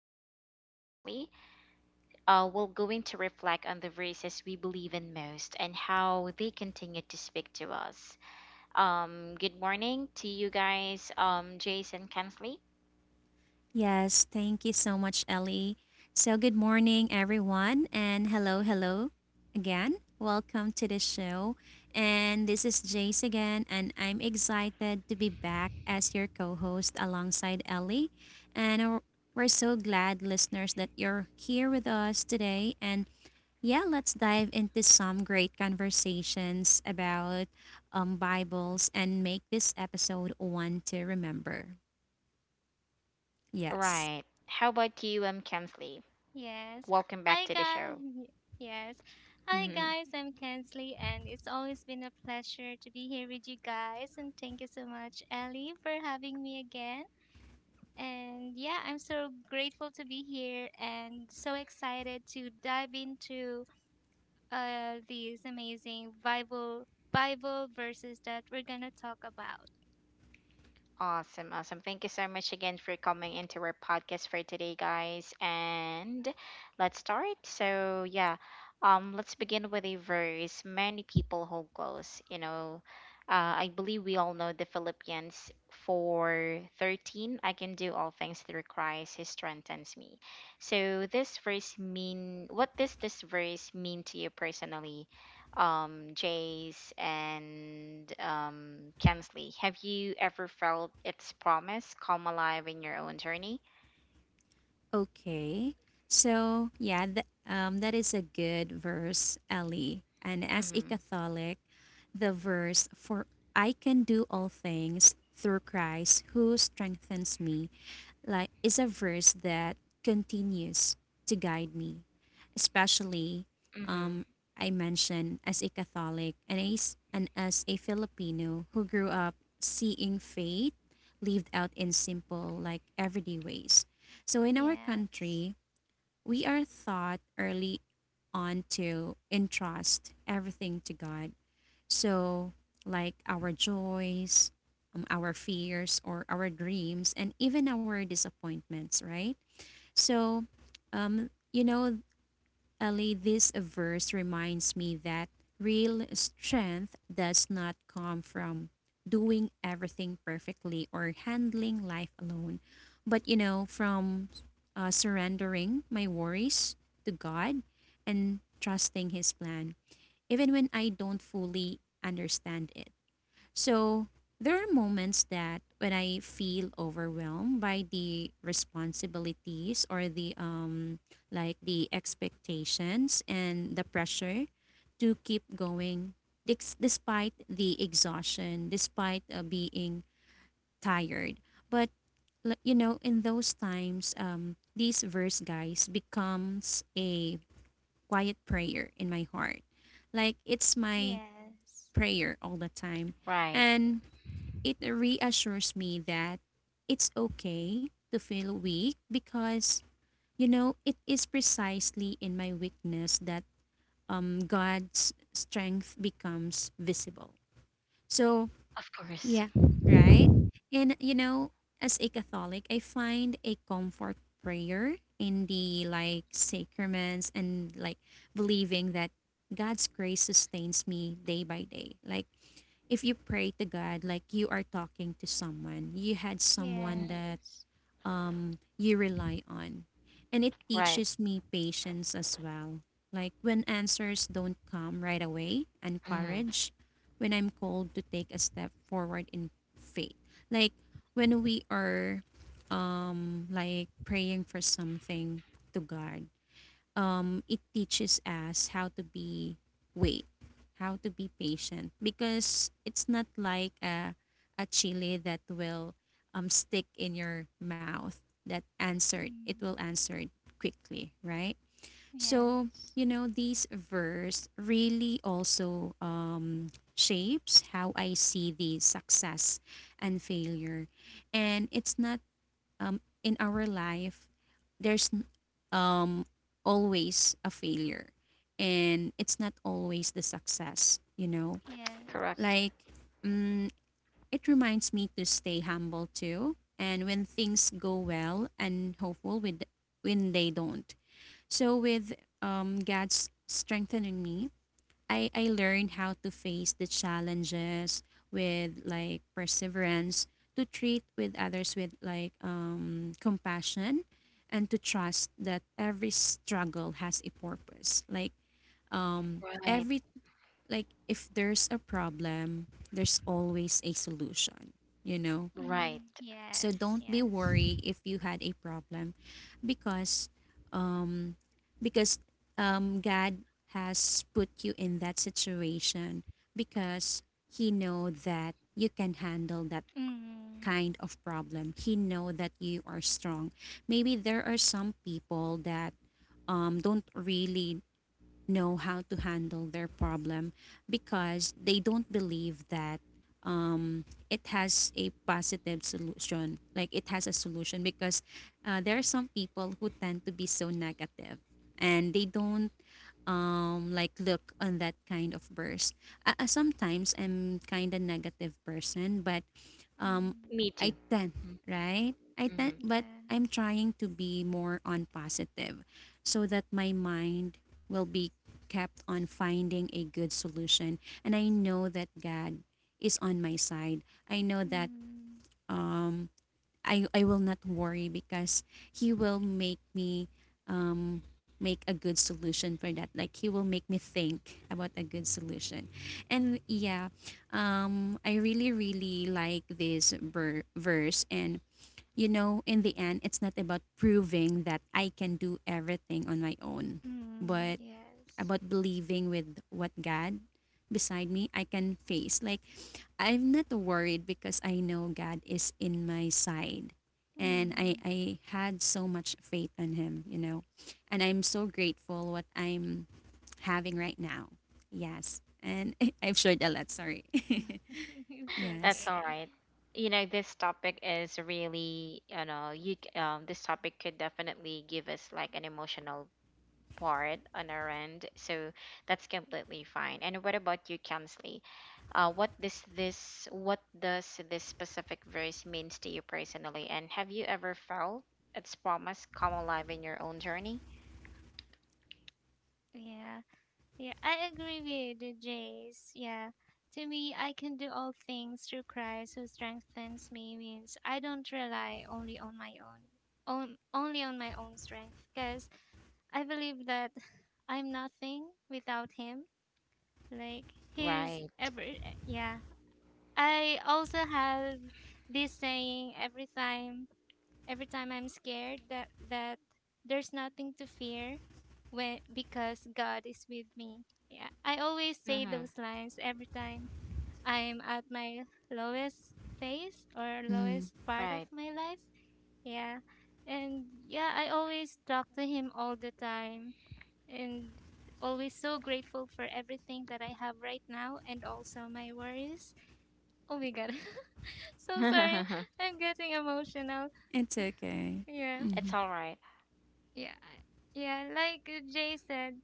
Jace and Kensley, we're going to reflect on the races we believe in most and how they continue to speak to us. Good morning to you guys, Jason Kensley. Yes, thank you so much, Ellie. So, good morning, everyone, and hello, hello again. Welcome to the show. And this is Jace again, and I'm excited to be back as your co host alongside Ellie. And we're so glad, listeners, that you're here with us today. And yeah, let's dive into some great conversations about Bibles and make this episode one to remember. Yes. Right. How about you, Kensley? Yes. Welcome back Hi to the show. guys. Yes. Hi guys, I'm Kensley and it's always been a pleasure to be here with you guys and thank you so much Ellie for having me again. And yeah, I'm so grateful to be here and so excited to dive into these amazing Bible verses that we're going to talk about. Awesome, awesome. Thank you so much again for coming into our podcast for today, guys. And let's start. So, yeah, let's begin with a verse. Many people hold close. You know, I believe we all know the Philippians 4:13. I can do all things through Christ who strengthens me. So, this verse mean what does this verse mean to you personally? Um, Jace, and Kensley. Have you ever felt its promise come alive in your own journey? Okay. So, yeah, that is a good verse, Ellie. And as a Mm-hmm. Catholic, the verse, For I can do all things through Christ who strengthens me, like is a verse that continues to guide me, especially Mm-hmm. um, I mentioned as a Catholic and as a Filipino who grew up seeing faith lived out in simple, like everyday ways. So in our Yes. country, we are taught early on to entrust everything to God so, like our joys, our fears, or our dreams, and even our disappointments, right? So, you know, Ali, this verse reminds me that real strength does not come from doing everything perfectly or handling life alone, but you know, from surrendering my worries to God and trusting His plan, even when I don't fully understand it. So there are moments that when I feel overwhelmed by the responsibilities or the like the expectations and the pressure to keep going despite the exhaustion, despite being tired. But you know, in those times, these verse guys becomes a quiet prayer in my heart. Like it's my Yes. prayer all the time, Right. and it reassures me that it's okay to feel weak because you know it is precisely in my weakness that God's strength becomes visible. So, Of course. yeah, right? And you know, as a Catholic, I find a comfort prayer in the like sacraments and like believing that God's grace sustains me day by day. Like if you pray to God, like you are talking to someone, you had someone Hmm. that Yes. You rely on. And it Right. teaches me patience as well. Like when answers don't come right away and Mm-hmm. courage, when I'm called to take a step forward in faith. Like when we are like praying for something to God it teaches us how to be wait, how to be patient because it's not like a chili that will stick in your mouth that answered it will Mm. answer quickly, right? So Yes. you know these verse really also shapes how I see the success and failure, and it's not in our life, there's n- um, always a failure and it's not always the success, you know? Correct. Yes. Like, mm, it reminds me to stay humble too. And when things go well and hopeful with when they don't. So with God's strengthening me, I learned how to face the challenges with like perseverance, to treat with others with like compassion and to trust that every struggle has a purpose. Like Right. every like if there's a problem, there's always a solution, you know? Right. Mm, So yes, don't be yes. worried if you had a problem because because God has put you in that situation because He know that you can handle that Mm, kind of problem. He know that you are strong. Maybe there are some people that don't really know how to handle their problem because they don't believe that it has a positive solution. Like it has a solution because there are some people who tend to be so negative and they don't like look on that kind of burst. Sometimes I'm kind of negative person, but um mm, Me I too. tend, Mm-hmm. right? I Mm-hmm. tend, but yeah. I'm trying to be more on positive so that my mind will be kept on finding a good solution and I know that God is on my side. I know that Mm, um. I will not worry because he will make me um make a good solution for that. Like he will make me think about a good solution. And yeah, I really really like this verse and you know in the end it's not about proving that I can do everything on my own, mm, but yes. about believing with what God beside me I can face. Like I'm not worried because I know God is in my side. And I, Mm. I had so much faith in him, you know. And I'm so grateful what I'm having right now. Yes. And I've shared a lot, sorry. It's That's Yes. all okay. right. You know, this topic is really, you know, this topic could definitely give us like an emotional part on our end, so that's completely fine. And what about you, Kamsley? What does this specific verse means to you personally? And have you ever felt its promise come alive in your own journey? Yeah, yeah. I agree with you, Jace. Yeah. To me, I can do all things through Christ who strengthens me means I don't rely only on my own, on, only on my own strength because I believe that I'm nothing without Him. Like His Right. ever, yeah, I also have this saying every time I'm scared that there's nothing to fear when because God is with me. Yeah. I always say Mm-hmm. those lines every time I'm at my lowest phase or Mm, lowest part of Right. my life. Yeah. And yeah, I always talk to him all the time and always so grateful for everything that I have right now and also my worries. Oh my god. So sorry. I'm getting emotional. it's okay. Yeah. Hmm. It's all right. Yeah. Yeah, like Jay said,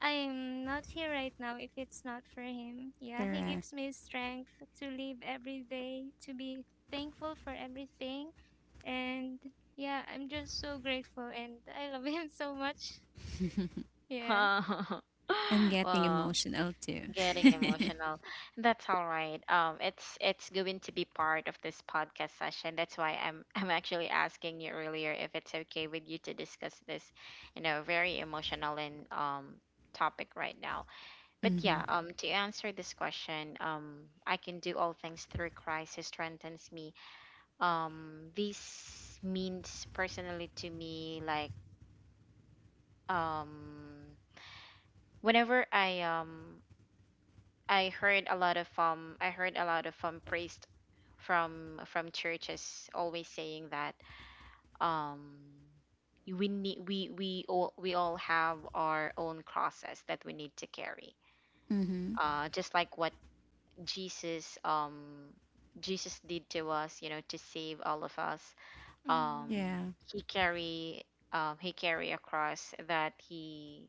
I'm not here right now if it's not for him. Yeah, he Correct. gives me strength to live every day, to be thankful for everything. And yeah, I'm just so grateful and I love him so much. Yeah. I'm getting Well, emotional too. getting Mm. emotional. That's all right. It's going to be part of this podcast session. That's why I'm I'm actually asking you earlier if it's okay with you to discuss this, you know, very emotional and topic right now. But yeah, Mm-hmm. To answer this question, I can do all things through Christ who strengthens me. This means personally to me like um whenever I heard a lot of I heard a lot of priest from churches always saying that um we need we all have our own crosses that we need to carry. Mm-hmm. Just like what Jesus um Jesus did to us, you know, to save all of us. Um Mm. Yeah. he carry he carry a cross that he,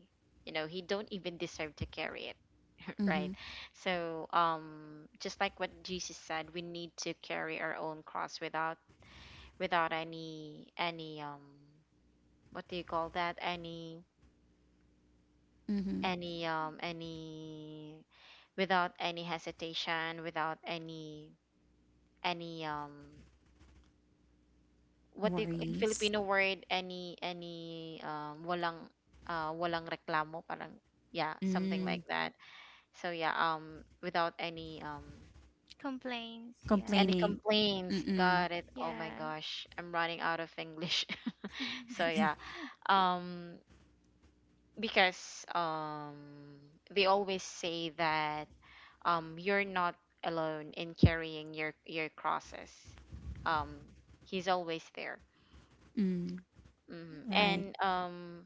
you know, he don't even deserve to carry it. Mm-hmm. Right. So, just like what Jesus said, we need to carry our own cross without any any what do you call that? Mm-hmm. Any without any hesitation, without any what do you, in Worries. Filipino word any walang, walang reklamo parang, yeah, something like Mm. that. So yeah, without any Complaints. Yeah. any Complaining. complaints? Mm-mm. Got it. Oh my Yeah. gosh, I'm running out of English. So yeah, um, because they always say that you're not alone in carrying your crosses. Um, he's always there. Mm. Hmm. Right. And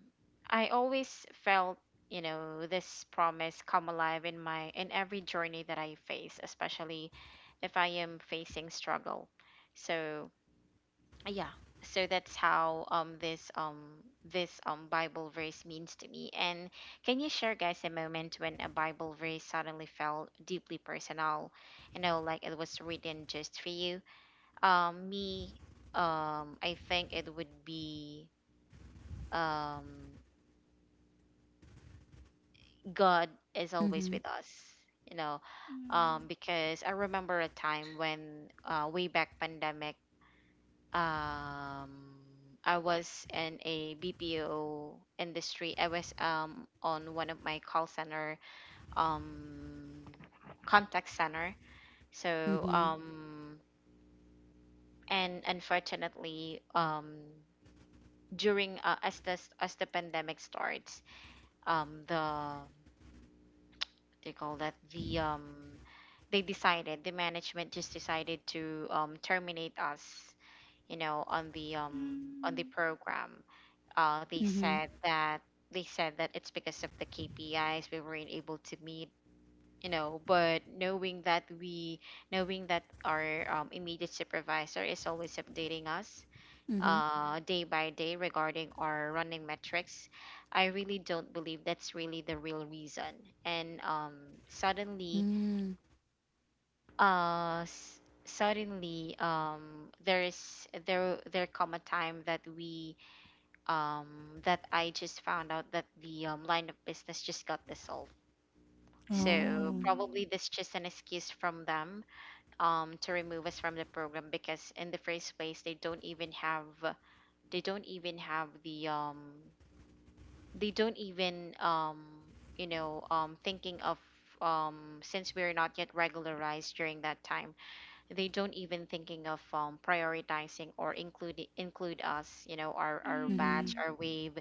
I always felt, you know, this promise come alive in my in every journey that I face, especially if I am facing struggle. So yeah, so that's how this this bible verse means to me. And can you share guys a moment when a bible verse suddenly felt deeply personal, you know, like it was written just for you? Um, me, um, I think it would be um God is always Mm-hmm. with us, you know. Mm. Because I remember a time when way back pandemic, um, I was in a BPO industry. I was on one of my call center um contact center. So Mhm. And unfortunately during as the pandemic starts, the what do you call that, the um, they decided the management just decided to terminate us, you know, on the Mm. program. uh, they Mhm. said that they said that it's because of the KPIs we weren't able to meet, you know. But knowing that knowing that our immediate supervisor is always updating us Mhm. Day by day regarding our running metrics, I really don't believe that's really the real reason. And suddenly, Mm. uh, s- suddenly, there is there there come a time that we that I just found out that the line of business just got dissolved. So Oh. Mm. probably this just an excuse from them to remove us from the program because in the first place they don't even have the they don't even you know thinking of since we're not yet regularized during that time they don't even thinking of prioritizing or include us, you know, our batch Mhm. Mm. our wave,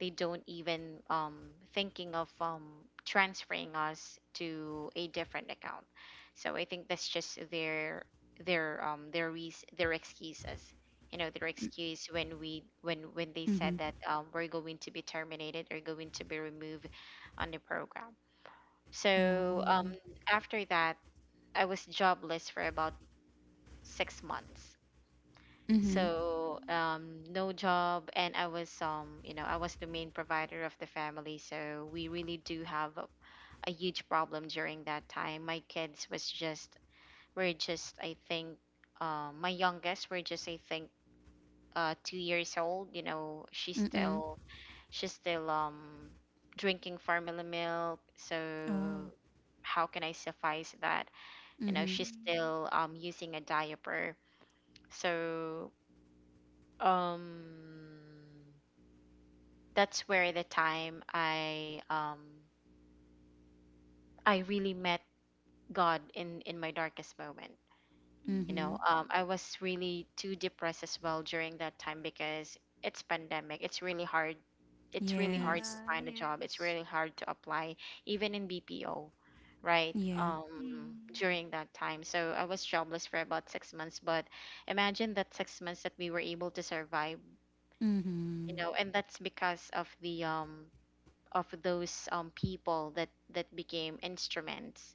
they don't even thinking of transferring us to a different account. So I think that's just their reas their excuses, you know, their excuse when we when they said Mhm. that we're going to be terminated or going to be removed on the program. So Oh. after that I was jobless for about 6 months. Mhm. So Mm, no job, and I was you know, I was the main provider of the family. So we really do have a huge problem during that time. My kids was just were just I think my youngest were just I think 2 years old. You know, she's Mm-mm. still she's still um drinking formula milk, so Oh. how can I suffice that? You know, Mhm. she's mm, still using a diaper, so um, that's where the time I really met God in my darkest moment. You Mhm. know, mm. I was really too depressed as well during that time because it's pandemic. It's really hard. It's really hard to Yes. Yeah, find a job. It's yes. really hard to apply, even in BPO, right? Yeah. Mm, During that time, so I was jobless for about 6 months. But imagine that 6 months that we were able to survive, you Mhm. know, and that's because of the of those people that that became instruments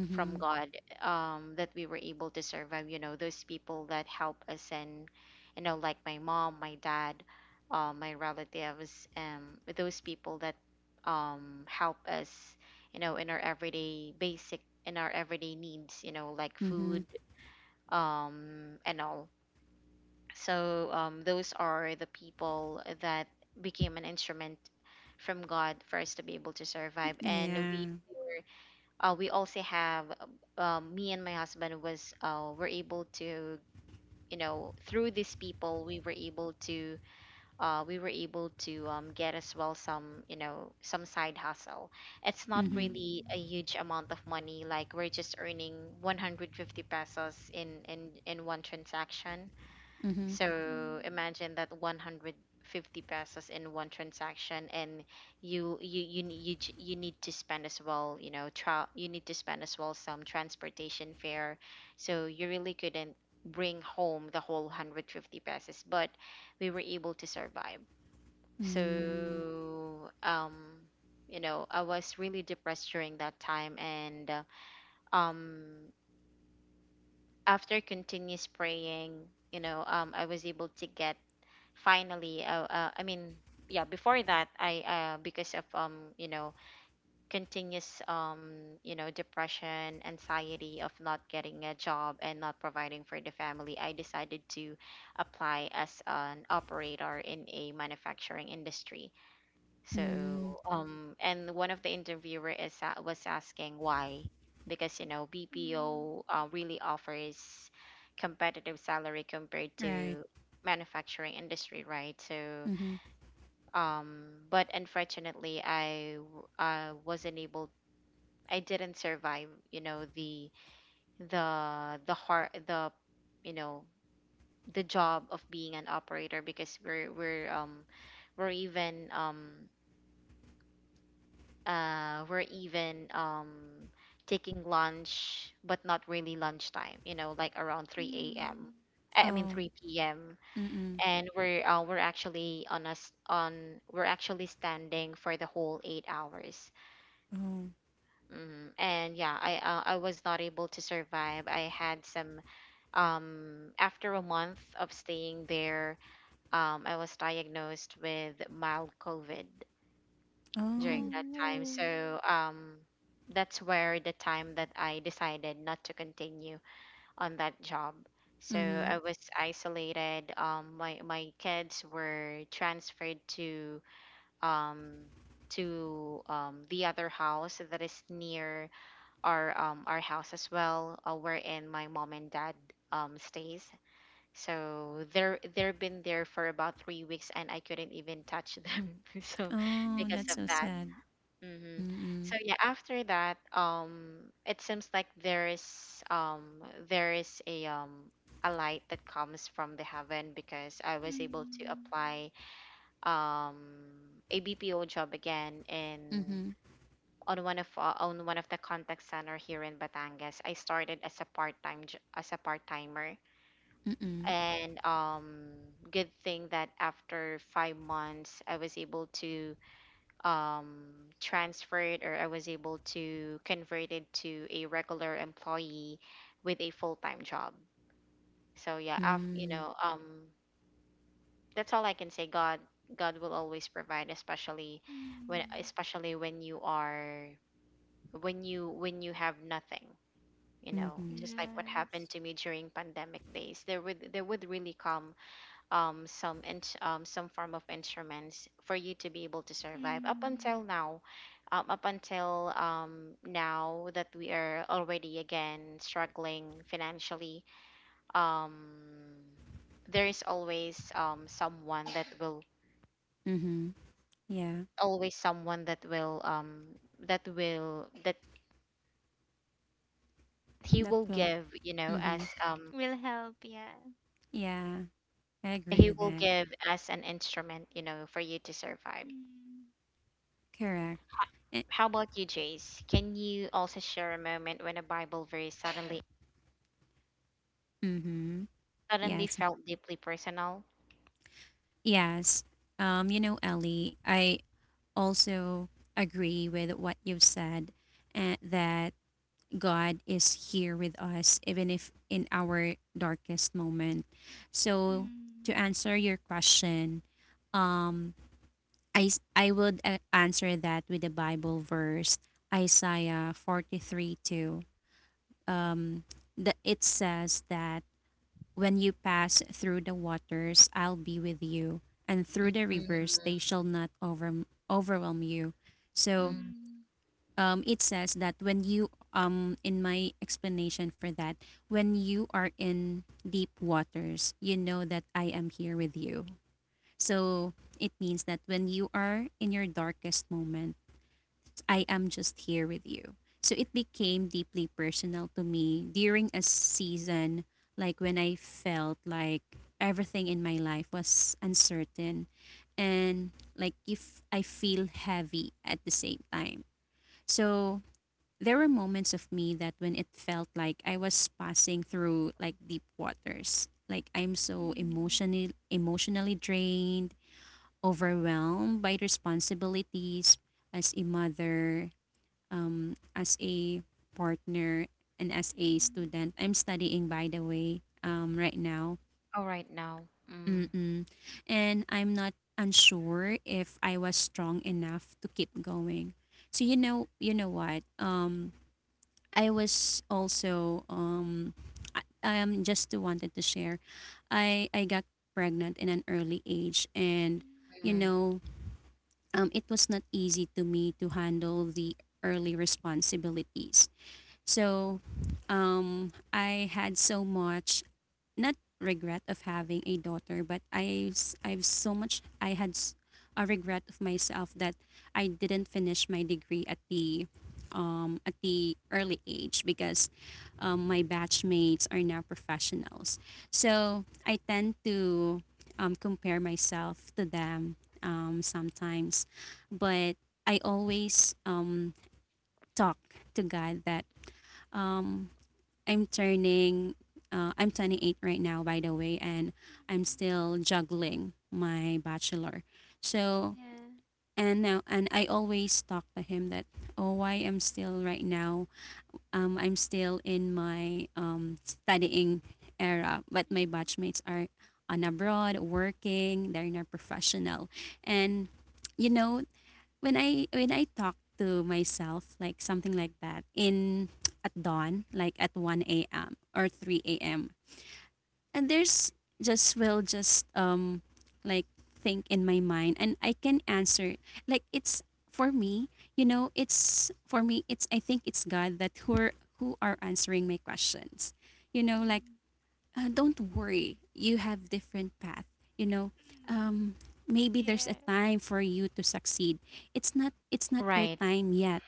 from God that we were able to survive. You know, those people that help us and you know, like my mom, my dad, my relatives, those people that help us, you know, in our everyday basic in our everyday needs. You know, like Mhm. food and all. So those are the people that became an instrument from God for us to be able to survive. And Yeah. We also have, me and my husband were able to, you know, through these people, we were able to get as well some, you know, some side hustle. It's not Mhm. really mm, a huge amount of money. Like we're just earning 150 pesos in one transaction. Mhm. So mm, imagine that 150 pesos in one transaction and you ne- you, j- you need to spend as well, you know, you need to spend as well some transportation fare. So you really couldn't bring home the whole 150 pesos, but we were able to survive. Mm. So you know, I was really depressed during that time and um after continuous praying, you know, I was able to get finally I mean, yeah, before that I because of you know continuous you know depression anxiety of not getting a job and not providing for the family I decided to apply as an operator in a manufacturing industry. So, Mm. And one of the interviewer was asking why, because you know mm, BPO really offers competitive salary compared Right. to manufacturing industry, right? So, Mhm. But unfortunately, wasn't able. I didn't survive. You know the hard the you know the job of being an operator because we're even um we're even taking lunch, but not really lunchtime. You know, like around 3 a.m. mm. I mean Oh. 3 p.m. Mm-mm. And we're actually on us on we're actually standing for the whole 8 hours. Oh. Hmm. And yeah, I was not able to survive. I had some after a month of staying there, I was diagnosed with mild COVID during Oh. that time. Oh, So that's where the time that I decided not to continue on that job. So Mhm. I was isolated. My kids were transferred to um, the other house that is near our house as well, wherein my mom and dad stays. So they're they've been there for about 3 weeks, and I couldn't even touch them. So Oh, because that's of so that. sad. mm, Mm-hmm. Mm-mm. So yeah, after that, it seems like there is a light that comes from the heaven because I was able to mm, apply um a BPO job again in Mhm. On one of the contact center here in Batangas. I started as as a part-timer. Mm-mm. And good thing that after 5 months, I was able to transferred or I was able to convert it to a regular employee with a full-time job. So yeah, Mm. That's all I can say. God will always provide, especially mm. especially when you are, when you have nothing. You know, Mhm. just like what happened Yes. to me during pandemic days, there would really come some form of instruments for you to be able to survive up Mm. until now, up until now that we are already again struggling financially, um there is always someone that will Mhm. Yeah. always someone that will that will that he That will will. give, you know, as Mm-hmm. Will help, yeah. Yeah, I agree he with will that. give as an instrument, you know, for you to survive. Mm, Correct. Eh, How about you, Jace? Can you also share a moment when a Bible verse mm-hmm. suddenly Yes. felt deeply personal? Yes. You know, Ellie, I also agree with what you've said, that God is here with us, even if in our darkest moment. So, mm, to answer your question, um, I would answer that with the Bible verse, Isaiah 43 2. um, it says that when you pass through the waters, I'll be with you, and through the rivers, they Mm, shall not overwhelm you. So mm. mm, it says that when you, in my explanation for that, when you are in deep waters, you know that I am here with you. So it means that when you are in your darkest moment, I am just here with you. So it became deeply personal to me during a season like when I felt like everything in my life was uncertain and like if I feel heavy at the same time. So there were moments of me that when it felt like I was passing through like deep waters. Like I'm so mm, emotionally drained, overwhelmed by responsibilities as a mother, as a partner and as a mm, student. I'm studying, by the way, right now. Oh, right now. Mm, Mm-mm. And I'm not unsure if I was strong enough to keep going. So you know what? I was also I am just wanted to share. I got pregnant in an early age, and you mm. mm. know, it was not easy to me to handle the early responsibilities. So I had so much not regret of having a daughter, but I've so much a regret of myself that I didn't finish my degree at the early age because my batchmates are now professionals. So I tend to compare myself to them sometimes, but I always talk to God that um, I'm turning I'm 28 right now by the way and I'm still juggling my bachelor. So Yeah. and now and I always talk to him that oh I am still right now I'm still in my studying era but my Mm, batchmates are on abroad working they're not professional and you know when I talk to myself like something like that in at dawn, like at one a.m. or three a.m. and there's just will just like think in my mind and I can answer like it's for me you know it's for me it's I think it's God that who are answering my questions you know like mm, don't worry you have different path you know mm. um, maybe there's a Yeah. time for you to succeed it's not your Right, time yet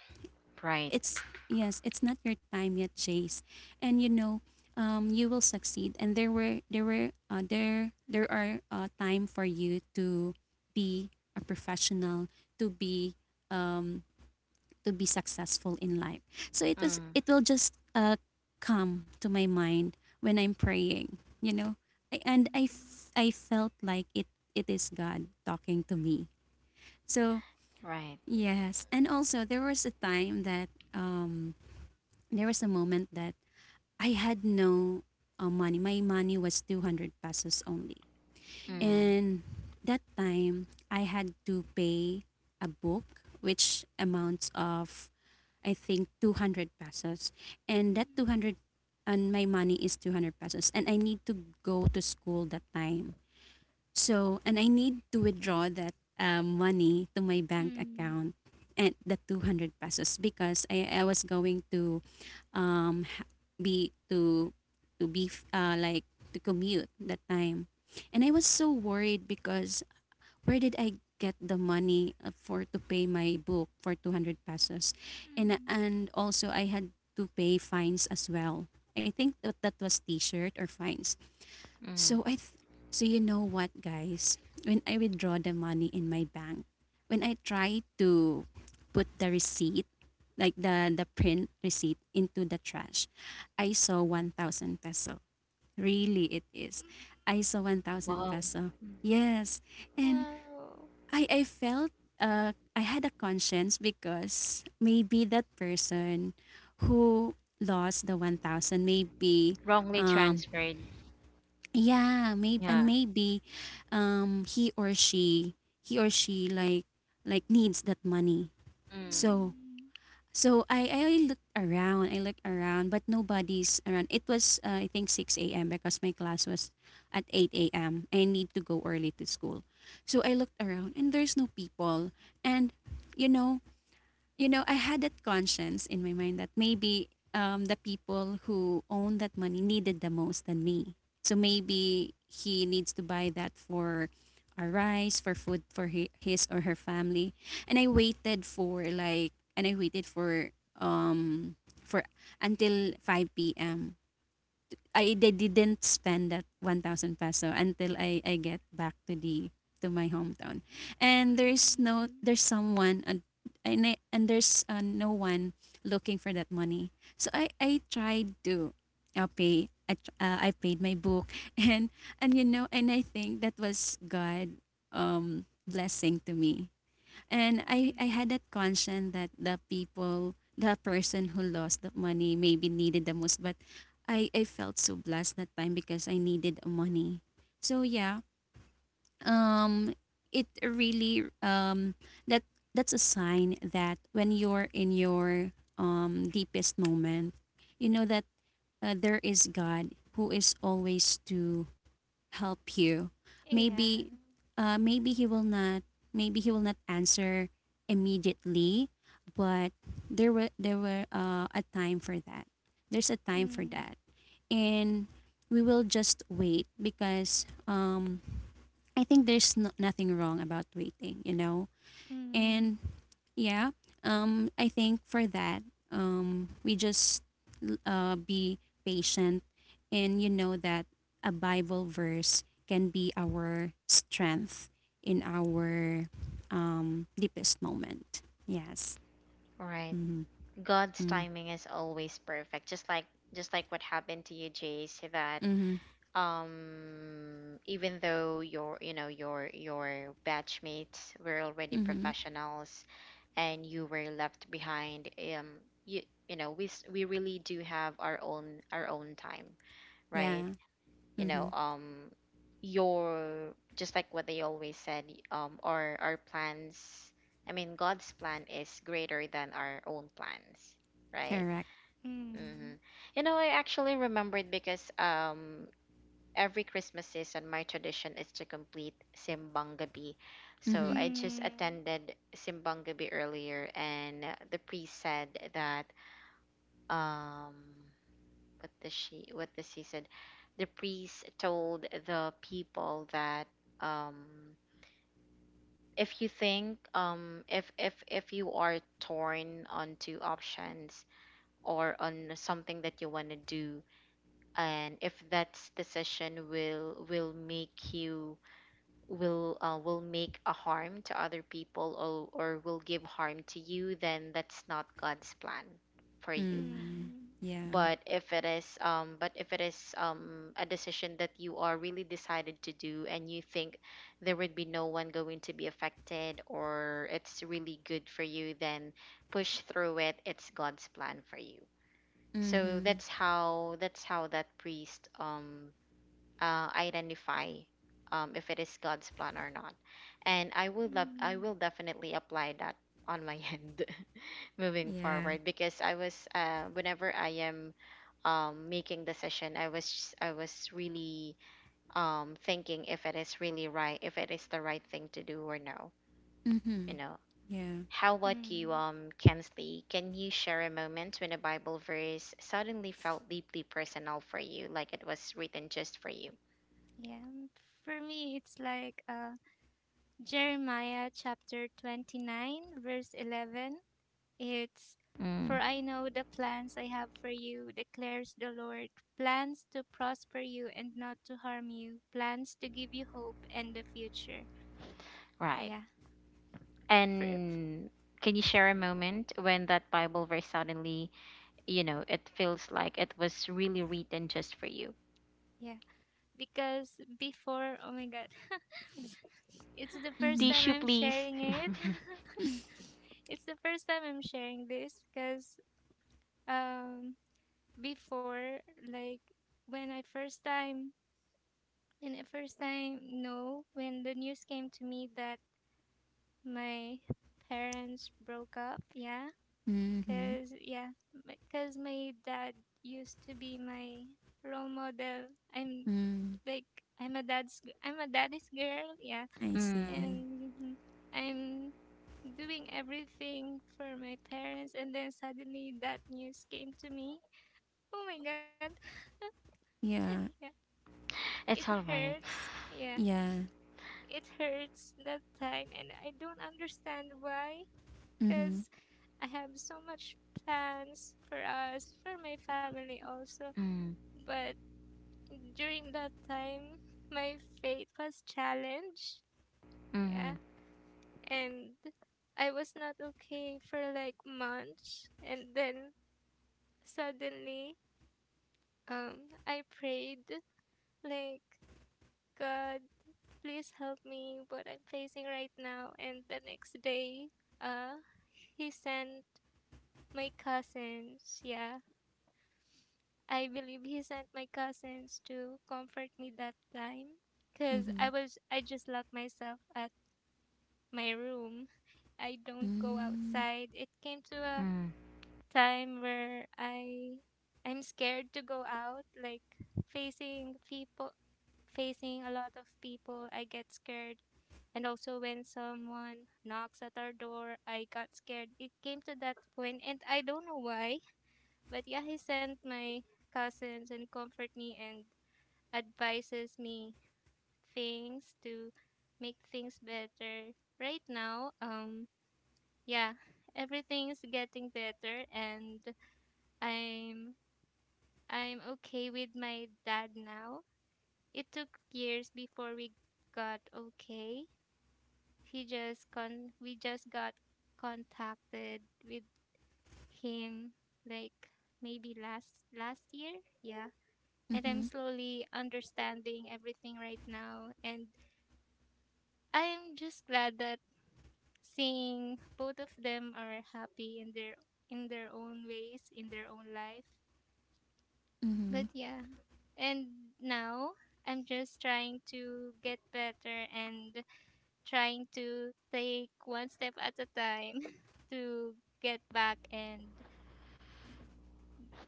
right. it's yes it's not your time yet chase and you know you will succeed and there were there were there there are time for you to be a professional to be um, to be successful in life. So it was Mm, it will just come to my mind when I'm praying, you know. I, and I, Mm. f- I felt like it is God talking to me. So right. yes, and also there was a time that there was a moment that I had no money. My money was 200 pesos only. Mm, Mm, And that time, I had to pay a book, which amounts of, I think, 200 pesos. And that 200, and my money is 200 pesos. And I need to go to school that time. So, and I need to withdraw that money to my mm, bank mm, account at the 200 pesos because I was going to ha- be to be f- like to commute that time. And I was so worried because where did I get the money for to pay my book for 200 pesos? and mm, and also I had to pay fines as well. I think that, that was t-shirt or fines. mm. So I th- so you know what, guys, when I withdraw the money in my bank, when I try to put the receipt, like the print receipt into the trash, I saw 1000 peso. Really it is. mm. I saw 1000 Wow. peso. Yes. And Whoa. I felt I had a conscience because maybe that person who lost the 1000, maybe Wrongly um transferred. yeah, maybe, and Yeah. maybe he or she, he or she like like, needs that money. Mm, So Mm, so I looked around, I looked around, but nobody's around. It was I think 6 a.m. because my class was at 8 a.m. I need to go early to school. So I looked around and there's no people. And you know, you know, I had that conscience in my mind that maybe the people who own that money needed the most than me. So maybe he needs to buy that for our rice, for food for his or her family. And I waited for um for until 5 p.m. I They didn't spend that 1,000 peso until I get back to the to my hometown. And there's no mm, there's someone and, I, and there's no one looking for that money. So I tried to I paid my book and and you know and I think that was God blessing to me. And I mm. had that conscience that the person who lost the money maybe needed the most. But I felt so blessed that time because I needed the money. So yeah, um, it really that that's a sign that when you're in your deepest moment, you know that there is God who is always to help you. Yeah. Maybe maybe he will not, maybe he will not answer immediately, but there were a time for that. There's a time for Mm, that. And we will just wait because I think there's nothing wrong about waiting, you know. mm, And yeah, I think for that, we just be patient, and you know that a Bible verse can be our strength in our deepest moment. Yes. right. Mm-hmm. God's Mm-hmm. timing is always perfect. Just like what happened to you, Jace, that even though you know your batchmates were already Mm-hmm. Mm-hmm. professionals and you were left behind, um you, you know, we really do have our own time, right? Yeah. You know, Mm-hmm. Your just like what they always said, our plans, I mean God's plan is greater than our own plans, right? Correct. mm, Mm-hmm. You know, I actually remembered because every Christmas season, my tradition is to complete Simbang Gabi. So Mm-hmm. I just mm, attended Simbang Gabi earlier, and the priest said that um, what does she? What does he said? The priest told the people that um, if you think if you are torn on two options or on something that you want to do, and if that decision will make you will make a harm to other people, or will give harm to you, then that's not God's plan for you. Mm-hmm. mm, Yeah. But if it is but if it is a decision that you are really decided to do, and you think there would be no one going to be affected, or it's really good for you, then push through it. It's God's plan for you. So Mm-hmm. That's how that priest identify if it is God's plan or not. And I would love, I mm, will definitely apply that on my end moving Yeah. forward because I was, whenever I am making the session, I was really thinking if it is really right, if it is the right thing to do or no. You Mm-hmm. know, Yeah. how about you, mm. Kensley? Can you share a moment when a Bible verse suddenly felt deeply personal for you, like it was written just for you? Yeah. For me, it's like Jeremiah chapter 29, verse 11. It's for Mm, I know the plans I have for you, declares the Lord. Plans to prosper you and not to harm you. Plans to give you hope and the future. right. Yeah. For, And can you share a moment when that Bible verse suddenly, you know, it feels like it was really written just for you? yeah. Because before, oh my God, it's the first Mm-hmm. time Tissue, I'm please. sharing it. It's the first time I'm sharing this because um before, like when I first time when I first time no, when the news came to me that my parents broke up. Yeah, Mm-hmm. cause yeah, cause my dad used to be my role model. I'm Mm. like, I'm a daddy's girl. Yeah, I mm, see. and mhm, I'm doing everything for my parents, and then suddenly that news came to me. Oh my god, yeah, Yeah. it it's all right. hurts. Yeah, Yeah. it hurts that time, and I don't understand why, Mm-hmm. because I have so much plans for us, for my family also. Mm, But during that time, my faith was challenged. mm-hmm, Yeah. And I was not okay for like months. And then suddenly, I prayed like, God, please help me what I'm facing right now. And the next day, uh, he sent my cousins, yeah, I believe he sent my cousins to comfort me that time because Mm-hmm. I just locked myself at my room. I don't go Mm-hmm. outside. It came to a mm, time where I'm scared to go out, like facing people, facing a lot of people. I get scared. And also when someone knocks at our door, I got scared. It came to that point and I don't know why, but yeah, he sent my cousins and comfort me and advises me things to make things better. Right now, yeah, everything's getting better and I'm I'm okay with my dad now. It took years before we got okay. He just con we just got contacted with him like maybe last last year. Yeah. And Mm-hmm. I'm slowly understanding everything right now and I'm just glad that seeing both of them are happy in their own ways in their own life, Mm-hmm. but yeah. And now I'm just trying to get better and trying to take one step at a time to get back and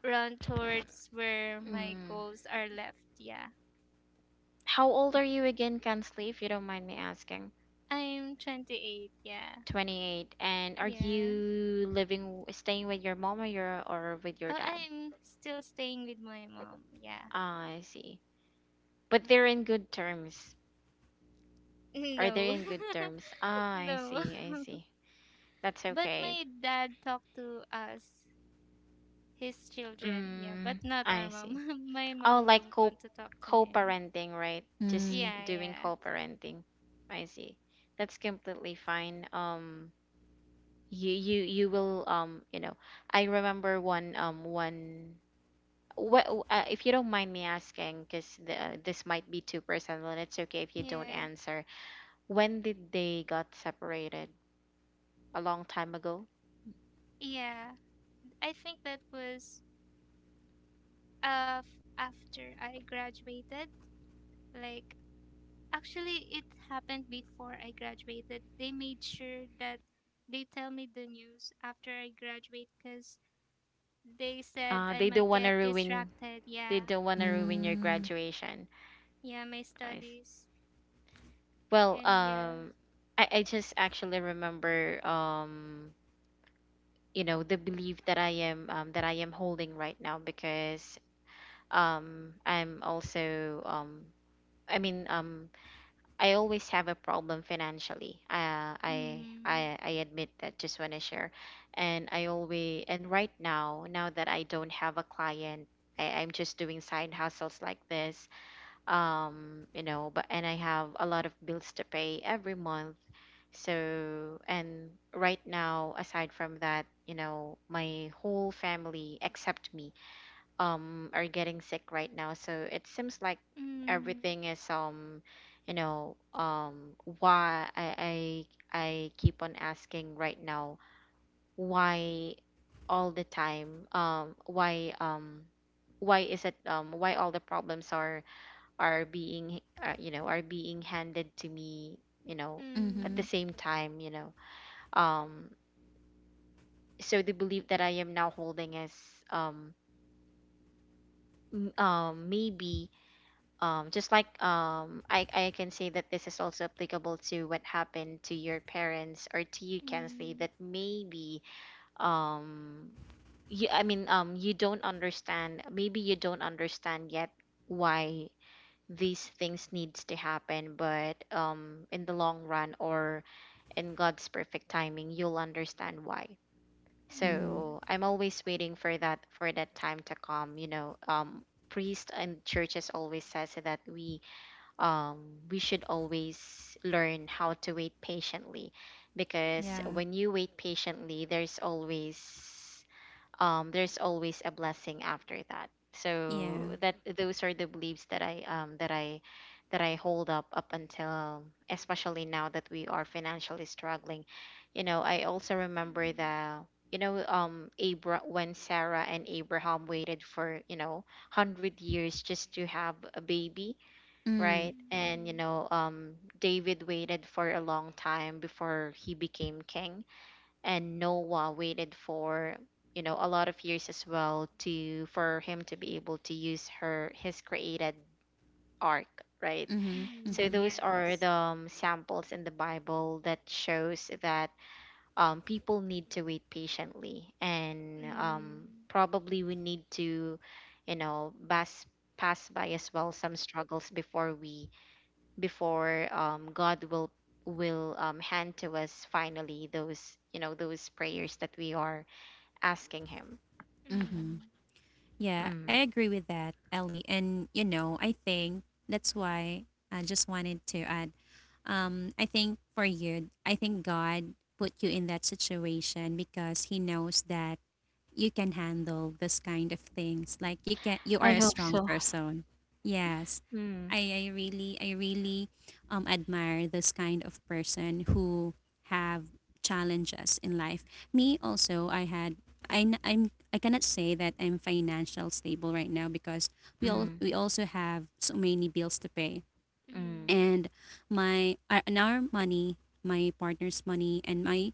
run towards where my mm. goals are left. Yeah, How old are you again, Kansley, if you don't mind me asking? I'm 28. Yeah. 28. And are Yeah, you living, staying with your mom or your, or with your oh, dad? I'm still staying with my mom. Yeah. Ah, I see. But they're in good terms. Are they No. in good terms? Ah, I No. see, I see. That's But okay. my dad talked to us, his children, yeah, Mm, but not our I see. mom. My Oh, mom like don't co want to talk to him. co-parenting, right? Just Mm, Yeah, doing yeah, co-parenting. I see. That's completely fine. You will you know, I remember one what if you don't mind me asking, because this might be too personal, and it's okay if you don't yeah, answer. When did they got separated? A long time ago. yeah. I think that was after I graduated. Like, actually, it happened before I graduated. They made sure that they tell me the news after I graduate because they said I They don't might want get to ruin. distracted. They Yeah, don't want to ruin your mm, graduation. yeah, my I see. studies. Well, And yeah. I just actually remember, you know, the belief that I am holding right now because I'm also, I mean, I always have a problem financially. Mm. I admit that. Just want to share, and I always and right now, now that I don't have a client, I, I'm just doing side hustles like this, you know, but and I have a lot of bills to pay every month. So and right now aside from that, you know, my whole family except me are getting sick right now, so it seems like Hmm. everything is you know, why I keep on asking right now why all the time, why is it, why all the problems are being, you know, are being handed to me, you know, at the Hmm. mm-hmm, same time, you know. um so the belief that I am now holding is um maybe just like I can say that this is also applicable to what happened to your parents or to you. Can say Hmm. that maybe um you, I mean, you don't understand, maybe you don't understand yet why these things needs to happen, but in the long run or in God's perfect timing you'll understand why. mm, Hmm. So I'm always waiting for that, for that time to come. You know, priest and churches always says that we should always learn how to wait patiently, because yeah, when you wait patiently there's always, there's always a blessing after that. So yeah, that those are the beliefs that I that I that I hold up up until especially now that we are financially struggling. You know, I also remember Hmm. the you know when Sarah and Abraham waited for you know hundred years just to have a baby, mm, right? Hmm. And Hmm. you know David waited for a long time before he became king, and Noah waited for you know a lot of years as well to for him to be able to use her his created ark, right? mm-hmm, So mm-hmm, those are Yes. the samples in the bible that shows that people need to wait patiently and Hmm. probably we need to you know pass by as well some struggles before we before God will hand to us finally those you know those prayers that we are asking him. mm-hmm. Hmm. Yeah, I Mm. agree with that, Ellie. And you know, I think that's why I just wanted to add. I think for you, I think God put you in that situation because He knows that you can handle this kind of things. Like you can, you are I a hope Hmm. strong so. person. Yes. Mm. I really admire this kind of person who have challenges in life. Me also, I had I'm, I cannot say that I'm financial stable right now because Mm. we also have so many bills to pay, Mm. Hmm. and my and our money, my partner's money and my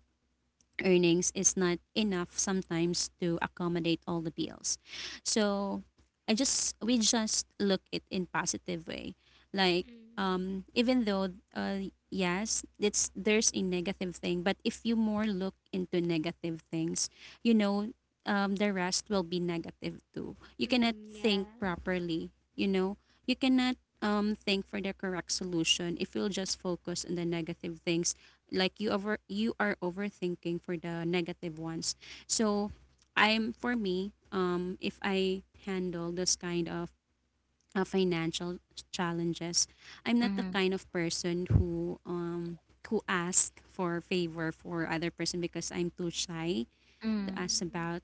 earnings, is not enough sometimes to accommodate all the bills. So I just we just look it in positive way. Like, Hmm. Hmm. Even though yes, it's there's a negative thing, but if you more look into negative things, you know, the rest will be negative too. You cannot Yeah. think properly, you know. You cannot think for the correct solution if you'll just focus on the negative things, like you over you are overthinking for the negative ones. So I'm for me, if I handle this kind of financial challenges, I'm not the Mm. kind of person who ask for favor for other person because I'm too shy to Mm. ask Hmm. about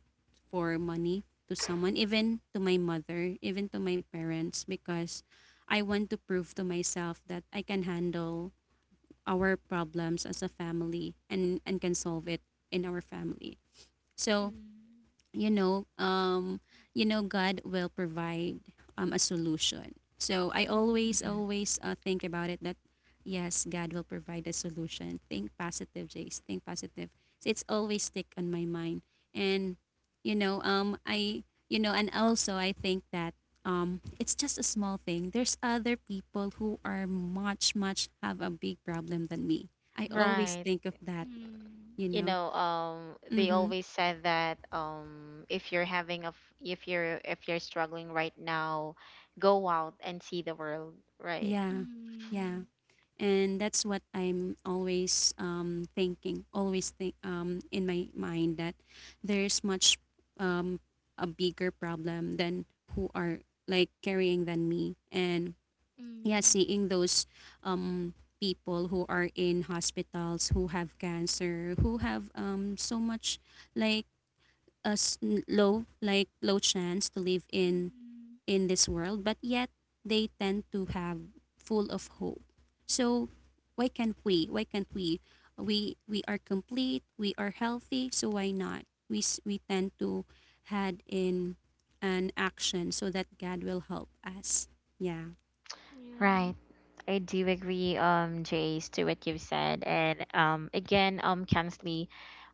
for money to someone, even to my mother, even to my parents, because I want to prove to myself that I can handle our problems as a family and can solve it in our family. So Hmm. you know, um, you know, God will provide a solution. So I always, Mm. always think about it that yes, God will provide a solution. Think positive, Jace. Think positive. So it's always stick on my mind, and you know, you know, and also I think that it's just a small thing. There's other people who are much, much have a big problem than me. I always Right. think of that. Hmm. Hmm. You You know. know, they Mm-hmm. always said that if you're having a, if you're struggling right now, go out and see the world. Right. Yeah. Yeah. Hmm. And that's what I'm always thinking, always think in my mind that there's much um, a bigger problem than who are like carrying than me. And yeah, Hmm. seeing those um, people who are in hospitals, who have cancer, who have so much, like a s- low, like low chance to live Hmm. in this world, but yet they tend to have full of hope. So why can't we? Why can't we? We are complete. We are healthy. So why not? We tend to had in an action so that God will help us. Yeah. Right. Yeah. I do agree, Jace, to what you've said. And again, Kansley,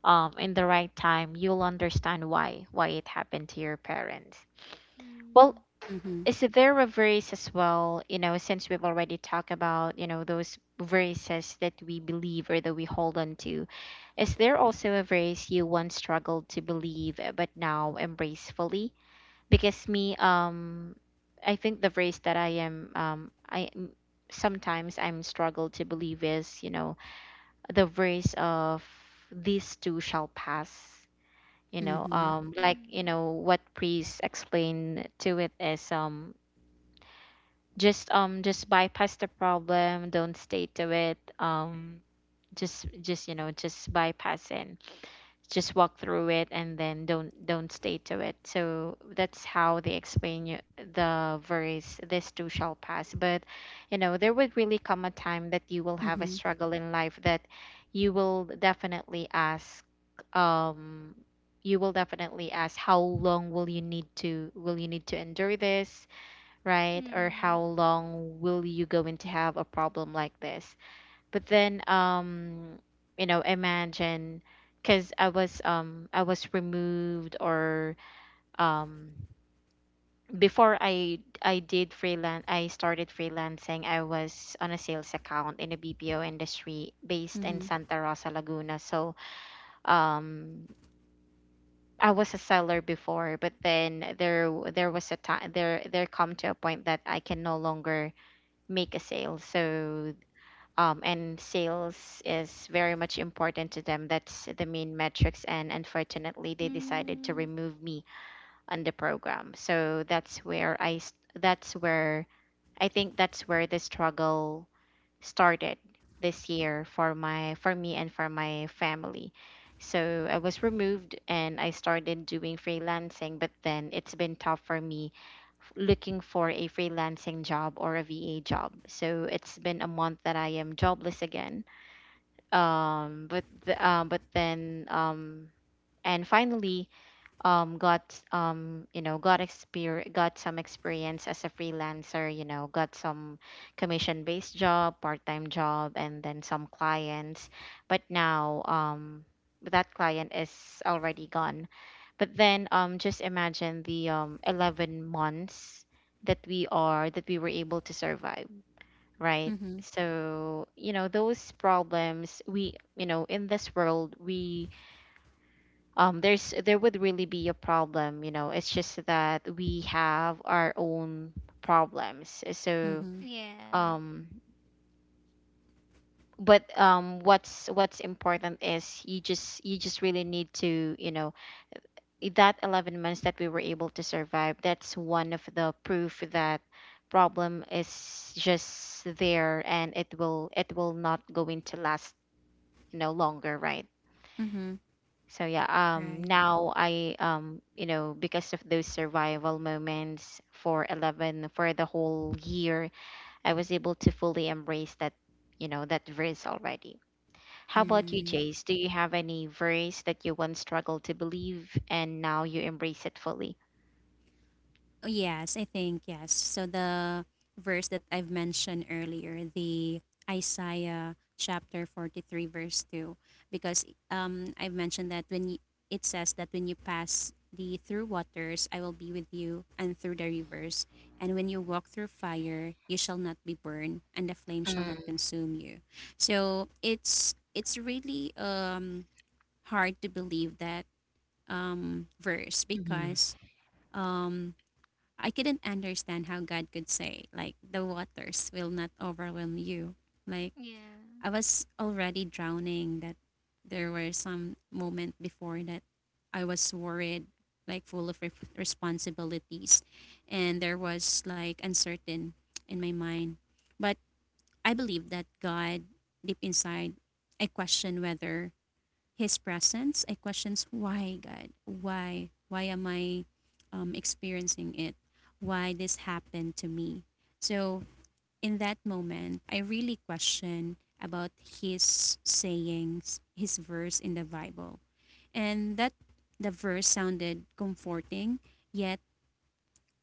in the right time, you'll understand why it happened to your parents. Well, Hmm. Mhm. is there a verse as well, you know, since we've already talked about, you know, those verses that we believe or that we hold on to, is there also a verse you once struggled to believe but now embrace fully? Because me, I think the verse that sometimes I'm struggled to believe is, you know, the verse of these two shall pass. You know, Mhm. Like you Hmm. know what priests explain to it is just bypass the problem, don't stay to it. Just you know just bypass it, just walk through it, and then don't stay to it. So that's how they explain you the verse "this too shall pass." But you know there would really come a time that you will have a Mhm. struggle in life that you will definitely ask um you will definitely ask how long will you need to will you need to endure this, right? Or how Hmm. long will you going to have a problem like this? But then, you know, imagine because I was removed or um before I did freelance, I started freelancing, I was on a sales account in the BPO industry based in Mhm. Santa Rosa Laguna. So um I was a seller before, but then there was a time there come to a point that I can no longer make a sale. So, and sales is very much important to them. That's the main metrics. And unfortunately, they decided to Hmm. remove me on the program. So that's where that's where I think that's where the struggle started this year for my for me and for my family. So I was removed and I started doing freelancing, but then it's been tough for me looking for a freelancing job or a VA job. So it's been a month that I am jobless again. But the, but then and finally got you know got exper got some experience as a freelancer, got some commission based job, part-time job, and then some clients. But now, that client is already gone. But then, just imagine the 11 months that we were able to survive, right? Mhm. So those problems we, in this world we, there would really be a problem. It's just that we have our own problems, so. Mhm. Yeah. um but what's important is you just really need to, you know, that 11 months that we were able to survive, that's one of the proof that problem is just there, and it will not going to last, you know, longer, right. Mhm. So yeah, Right. now I, you know, because of those survival moments for 11, for the whole year, I was able to fully embrace that, you know, that verse already. How about you, Mm. Jace? Do you have any verse that you once struggled to believe and now you embrace it fully? Oh, yes, I think yes. So the verse that I've mentioned earlier, the Isaiah chapter 43 verse 2, because I've mentioned that it says that when you pass the through waters I will be with you and through the rivers, and when you walk through fire you shall not be burned and the flame shall not consume you. So it's really hard to believe that verse, Mm-hmm. because um I couldn't understand how God could say, like, the waters will not overwhelm you. Like, Yeah. I was already drowning, that there were some moment before that I was worried, like, full of responsibilities. And there was, like, uncertain in my mind. But I believe that God, deep inside, I question whether his presence, I questions why God, why am I experiencing it, why this happened to me. So in that moment I really question about his sayings, his verse in the Bible. And that, the verse sounded comforting, yet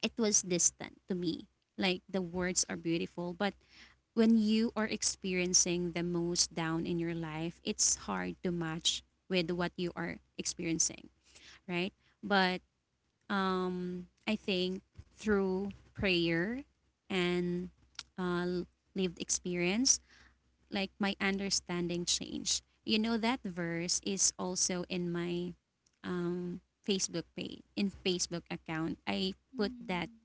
it was distant to me. Like the words are beautiful, but when you are experiencing the most down in your life, it's hard to match with what you are experiencing, right? But I think through prayer and uh, lived experience, like my understanding changed. You know, that verse is also in my um, Facebook page, in Facebook account. I put that Hmm.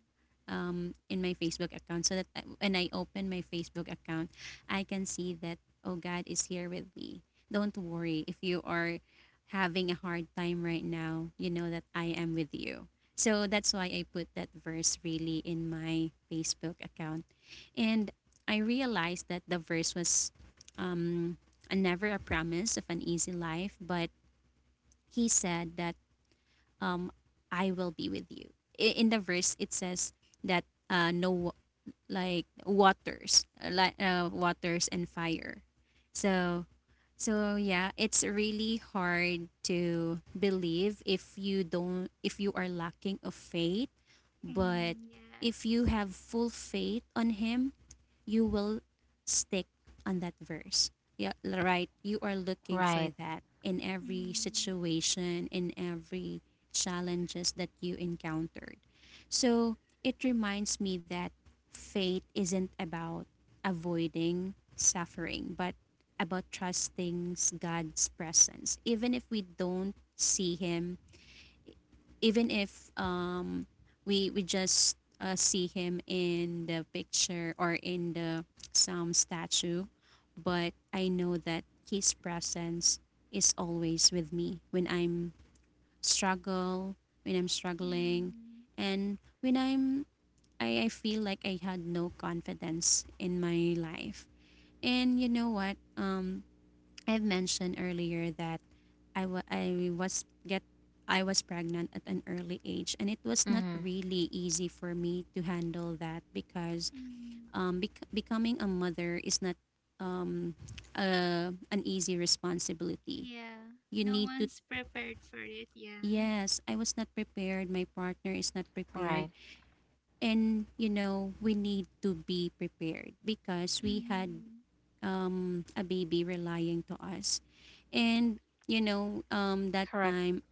in my Facebook account so that I, when I open my Facebook account, I can see that, oh, God is here with me. Don't worry if you are having a hard time right now, you know that I am with you. So that's why I put that verse really in my Facebook account. And I realized that the verse was um, a never a promise of an easy life, but he said that um, I will be with you. In the verse, it says that no like waters, like waters and fire. So, so yeah, it's really hard to believe if you don't, if you are lacking of faith, but Mm, if you yes. have full faith on him, you will stick on that verse. Yeah, right. You are looking Right. for that in every Mm, situation, in every challenges that you encountered. So it reminds me that faith isn't about avoiding suffering, but about trusting God's presence. Even if we don't see Him, even if we just see him in the picture or in the some statue, but I know that his presence is always with me when I'm struggle when I'm struggling, mm, and when I feel like I had no confidence in my life. And you know what, I've mentioned earlier that I wa- I was get I was pregnant at an early age, and it was not Mm-hmm. really easy for me to handle that because mm. Becoming a mother is not um, an easy responsibility. Yeah. You No need to — one's prepared for it, yeah. yes, I was not prepared. My partner is not prepared, Right. and you know we need to be prepared because we had Mm, a baby relying to us. And you know, that Correct. time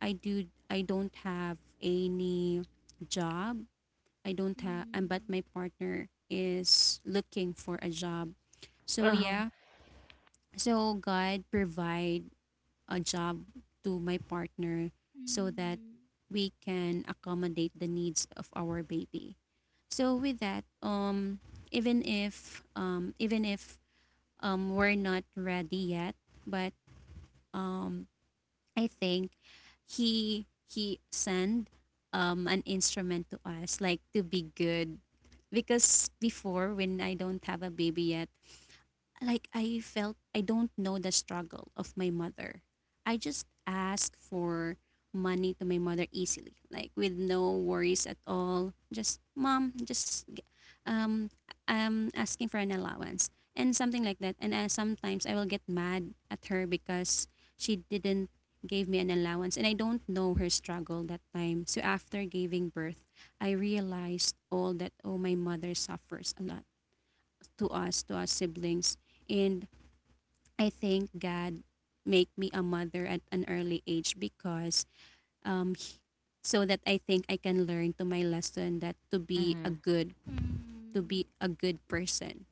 I don't have any job. I don't have, and but mm, my partner is looking for a job. So Uh-huh. yeah, so God provide a job to my partner so that mm, we can accommodate the needs of our baby. So with that, um, even if we're not ready yet, but um I think he sent an instrument to us, like to be good, because before when I don't have a baby yet, like I felt I don't know the struggle of my mother. I just ask for money to my mother easily, like with no worries at all. Just mom, just um I'm asking for an allowance and something like that. And sometimes I will get mad at her because she didn't give me an allowance and I don't know her struggle that time. So after giving birth, I realized all that, oh, my mother suffers a lot to us siblings, and I think God make me a mother at an early age because um he- so that I think I can learn to my lesson that to be a Mm-hmm. good to mm, be a good person.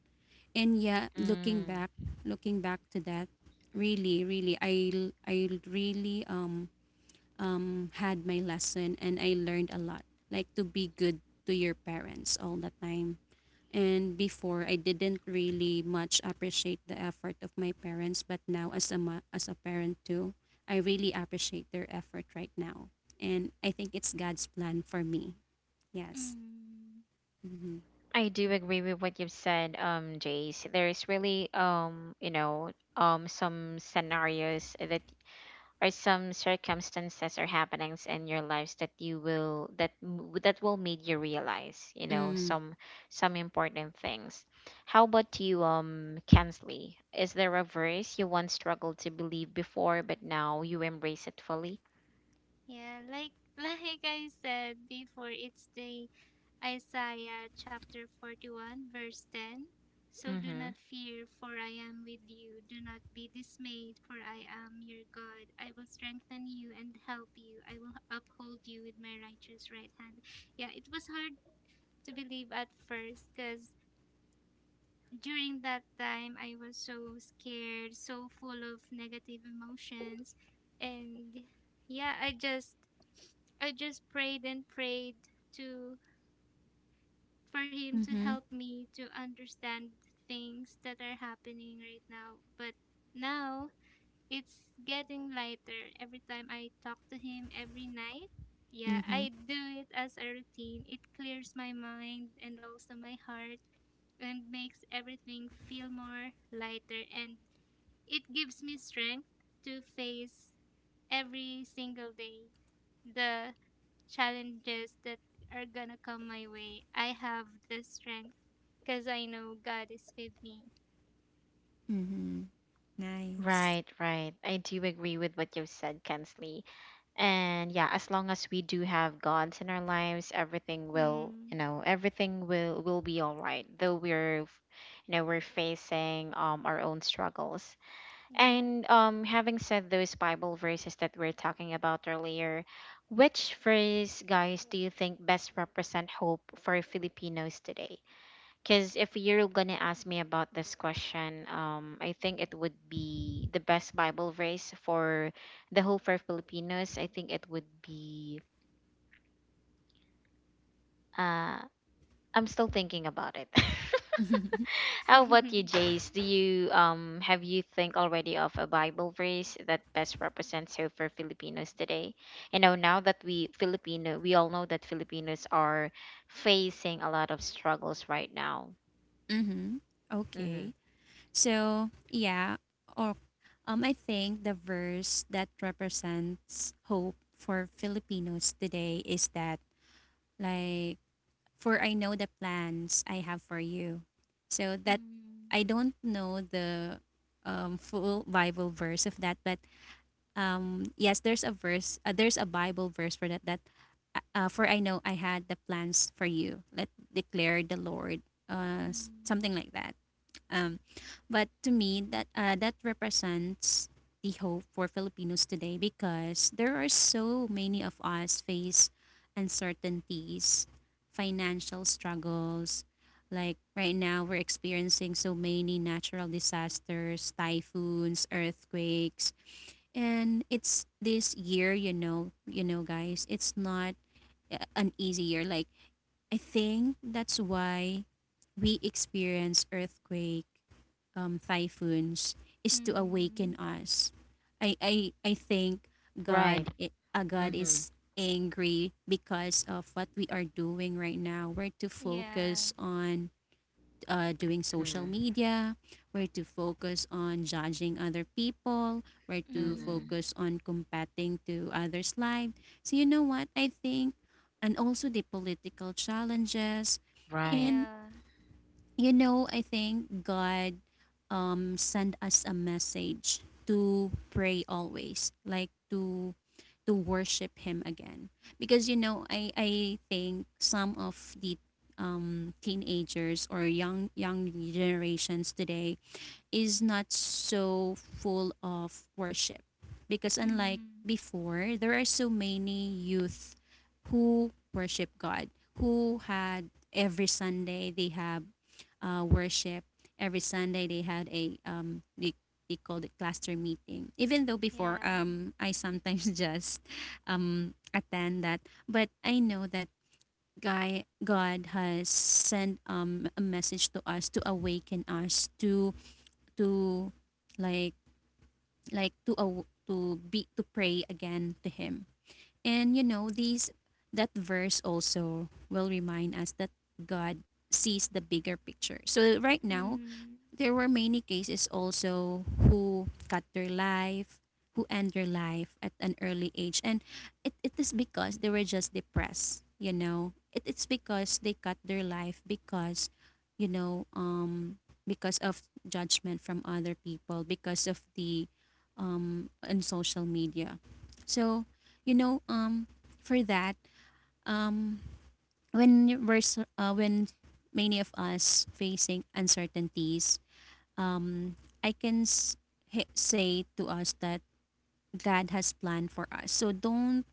And yeah, mm hmm looking back to that, really, had my lesson and I learned a lot. Like to be good to your parents all the time. And before, I didn't really much appreciate the effort of my parents, but now as a as a parent too, I really appreciate their effort right now. And I think it's God's plan for me. Yes. mm. Mm-hmm. I do agree with what you've said, Jace. There is really, you know, some scenarios that or some circumstances or happenings in your lives that you will that that will make you realize, you know, Mm. some important things. How about you, Kensley? Is there a verse you once struggled to believe before, but now you embrace it fully? Yeah, like like I said before, it's the Isaiah chapter 41, verse 10. So do Mm-hmm. not fear, for I am with you. Do not be dismayed, for I am your God. I will strengthen you and help you. I will uphold you with my righteous right hand. Yeah, it was hard to believe at first because during that time I was so scared, so full of negative emotions. And yeah, I just prayed and prayed to for him to Mm-hmm. help me to understand things that are happening right now. But now it's getting lighter every time I talk to him every night. Yeah, Mm-hmm. I do it as a routine. It clears my mind and also my heart and makes everything feel more lighter and it gives me strength to face every single day the challenges that are gonna come my way, I have the strength because I know God is with me. Mm-hmm. Nice. Right, right. I do agree with what you've said, Kensley. And yeah, as long as we do have gods in our lives, everything will, Mm, you know, everything will will be all right. Though we're, f- you know, we're facing our own struggles. yeah. And, having said those Bible verses that we're talking about earlier, which verse, guys, do you think best represent hope for Filipinos today? Because if you're gonna ask me about this question, I think it would be the best Bible verse for the whole for Filipinos. I think it would be. Uh, I'm still thinking about it. How about you, mm, Jace? Do you have you think already of a Bible verse that best represents hope for Filipinos today? You know, now that we Filipino, we all know that Filipinos are facing a lot of struggles right now. Mm-hmm. Mm-hmm. Okay. So yeah, or I think the verse that represents hope for Filipinos today is that, like, for I know the plans I have for you. So that I don't know the full Bible verse of that, but yes, there's a verse, there's a Bible verse for that. That for I know I had the plans for you. Let declare the Lord. Mm, Something like that. Um, but to me, that that represents the hope for Filipinos today because there are so many of us face uncertainties, financial struggles. Like right now, we're experiencing so many natural disasters, typhoons, earthquakes, and it's this year. You know, guys, it's not an easy year. Like I think that's why we experience earthquake, typhoons, is to mm, awaken us. I think Right. God Mm-hmm. is angry because of what we are doing right now. We're to yeah. focus on doing social media. We're to focus on judging other people. We're to Mm-hmm. Mm, focus on combating to others' life. So you know what I think, and also the political challenges. Right. And yeah. you know, I think God sent us a message to pray always, like to worship him again. Because you know, I think some of the teenagers or young generations today is not so full of worship. Because unlike Mm, before, there are so many youth who worship God, who had every Sunday they have worship. Every Sunday they had a they called it cluster meeting. Even though before yeah. I sometimes just attend that, but I know that guy God has sent a message to us to awaken us to like to pray again to him. And you know these that verse also will remind us that God sees the bigger picture. So right now Mm, there were many cases also who cut their life, who end their life at an early age. And it is because they were just depressed, you know. It's because they cut their life because, you know, because of judgment from other people, because of the on social media. So, you know, for that, um when when many of us facing uncertainties, um, I can say to us that God has planned for us. So don't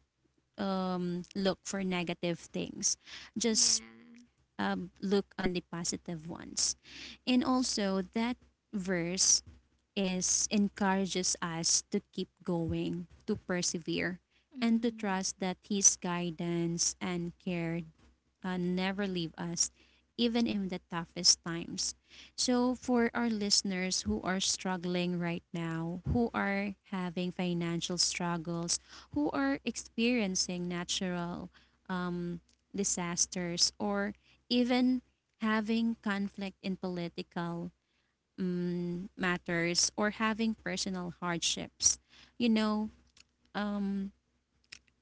look for negative things. Just yeah. Look on the positive ones. And also that verse is encourages us to keep going, to persevere, and to Mm, trust that his guidance and care never leave us, even in the toughest times. So, for our listeners who are struggling right now, who are having financial struggles, who are experiencing natural disasters, or even having conflict in political matters or having personal hardships, you know, um,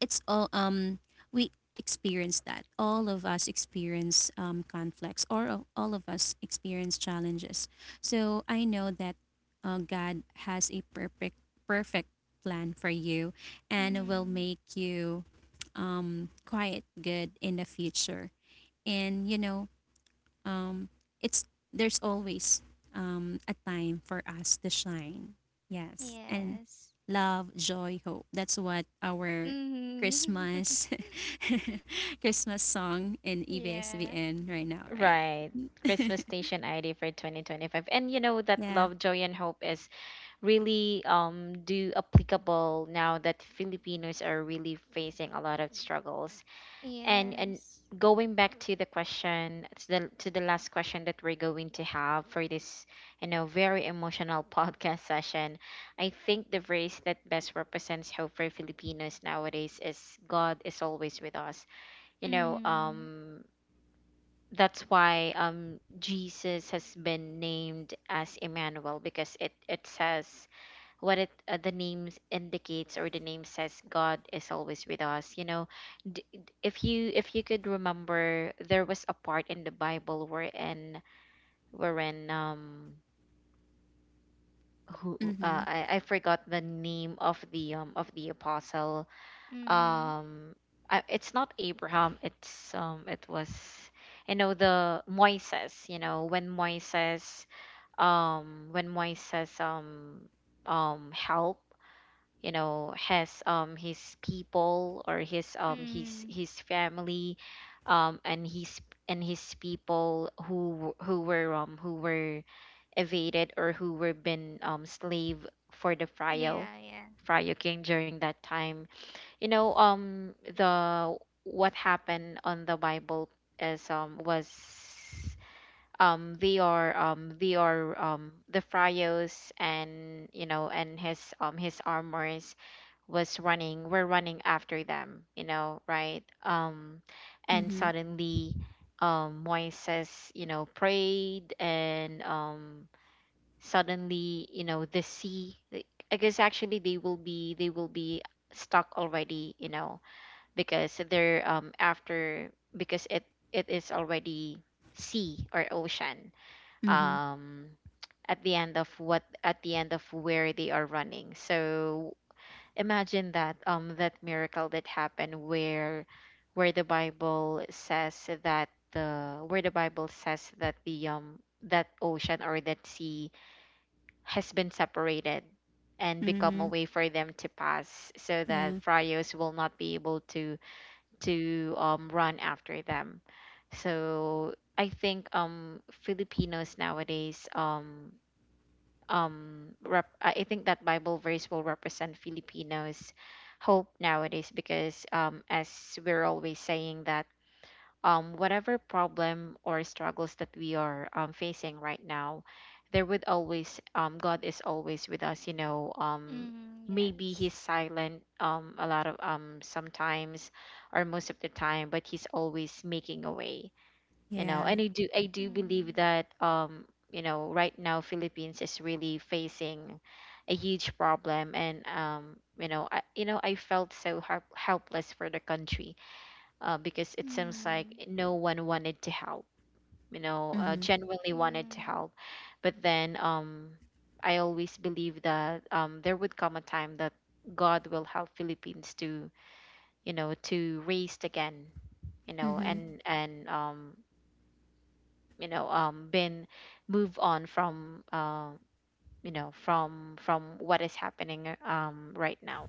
it's all we experience that all of us experience, conflicts, or all of us experience challenges, so I know that, God has a perfect plan for you and will mm, make you, quite good in the future. And you know, um, it's there's always, a time for us to shine. Yes, and yes. love, joy, hope. That's what our Mm. Christmas Christmas song in Yeah. EBSVN right now, right? Right. Christmas Station ID for 2025. And you know that Yeah. love, joy, and hope is really, do applicable now that Filipinos are really facing a lot of struggles. And Yes. going back to the question to the last question that we're going to have for this, you know, very emotional podcast session, I think the phrase that best represents hope for Filipinos nowadays is God is always with us. You know, Mm. That's why, Jesus has been named as Emmanuel because it says what it, the name indicates or the name says, God is always with us. You know, if you could remember, there was a part in the Bible wherein wherein who Mhm. I forgot the name of the, of the apostle. Mm-hmm. um I, it's not Abraham, it's, it was, you know, the Moises, you know, when Moises, when Moises, help, you know, has, his people, or his, Mm. his family, and his, people who were, who were evaded, or who were been, slave for the Yeah, Frio yeah. King during that time. You know, the, what happened on the Bible is, was, the Pharaohs, and you know, and his, his armors was running were running after them, you know, right? And Mhm. suddenly, Moises, you know, prayed and, suddenly, you know, the sea I guess actually they will be stuck already, you know, because they're, after, because it is already sea or ocean, Mhm. um at the end of what, at the end of where they are running, so imagine that, that miracle that happened, where the Bible says that the, that ocean or that sea has been separated and become a Mhm. way for them to pass, so that Yeah. friars will not be able to, run after them. So I think, Filipinos nowadays, I think that Bible verse will represent Filipinos' hope nowadays because, as we're always saying that, whatever problem or struggles that we are, facing right now, there would always, God is always with us, you know. Mm, Maybe He's yes. silent, a lot of, sometimes or most of the time, but He's always making a way, you know. And Yeah. I do believe Mm. that, you know, right now Philippines is really facing a huge problem, and, you know, I felt so helpless for the country, because it seems like Mm. no one wanted to help, you know, Mhm. genuinely wanted to Mm. help. But then, I always believe that, there would come a time that God will help Philippines to, you know, to raise again, you know, Mhm. and been move on from, you know, from what is happening, right now.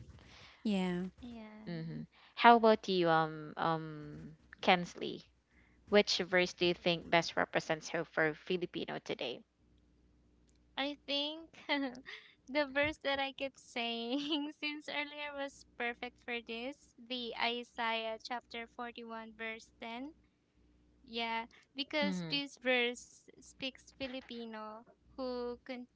Yeah. Yeah. How about you, Kensley? Which verse do you think best represents hope for Filipino today? I think the verse that I kept saying since earlier was perfect for this, the Isaiah chapter 41 verse 10. Yeah, because Mm, this verse speaks Filipino who con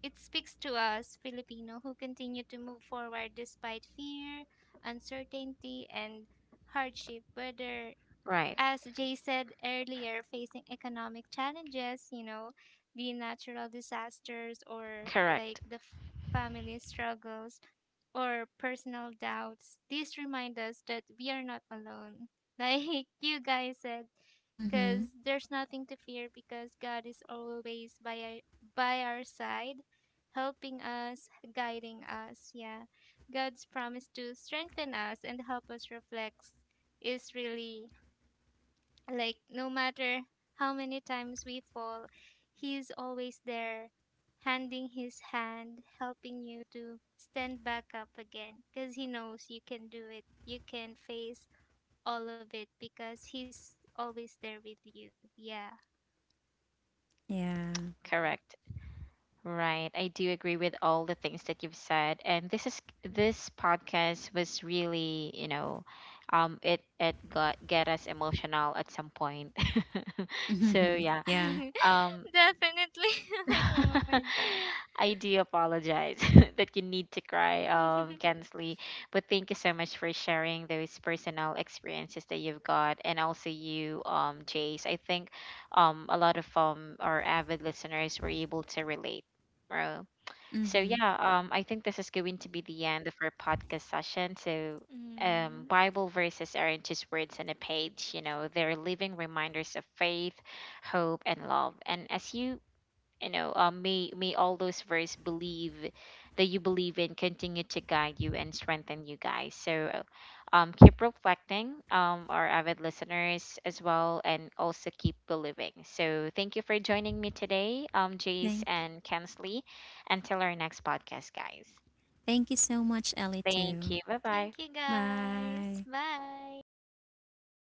It speaks to us, Filipino, who continue to move forward despite fear, uncertainty, and hardship, whether, right. as Jay said earlier, facing economic challenges, you know, the natural disasters or Correct. like the family struggles or personal doubts. These remind us that we are not alone. Like you guys said, because Mhm. there's nothing to fear because God is always by our side, helping us, guiding us. Yeah. God's promise to strengthen us and help us reflect is really like no matter how many times we fall, He is always there, handing His hand, helping you to stand back up again because He knows you can do it. You can face all of it because He's always there with you. Yeah. Yeah. Correct. Right. I do agree with all the things that you've said. And this podcast was really, you know, it got get us emotional at some point. So Mhm. yeah. Yeah. Um Definitely. Oh my god. I do apologize that you need to cry, Kensley. But thank you so much for sharing those personal experiences that you've got, and also you, Jace. I think, a lot of, our avid listeners were able to relate. Bro. So Mhm. yeah, I think this is going to be the end of our podcast session. So. Mm. Bible verses aren't just words on a page, you know, they're living reminders of faith, hope, and love. And as you you know may all those verse believe that you believe in continue to guide you and strengthen you guys, so keep reflecting, our avid listeners as well, and also keep believing. So thank you for joining me today, Jace Thank. and Kensley, until our next podcast, guys. Thank you so much, Ellie. Thank Too. you. Bye Thank bye. you guys. Bye. Bye.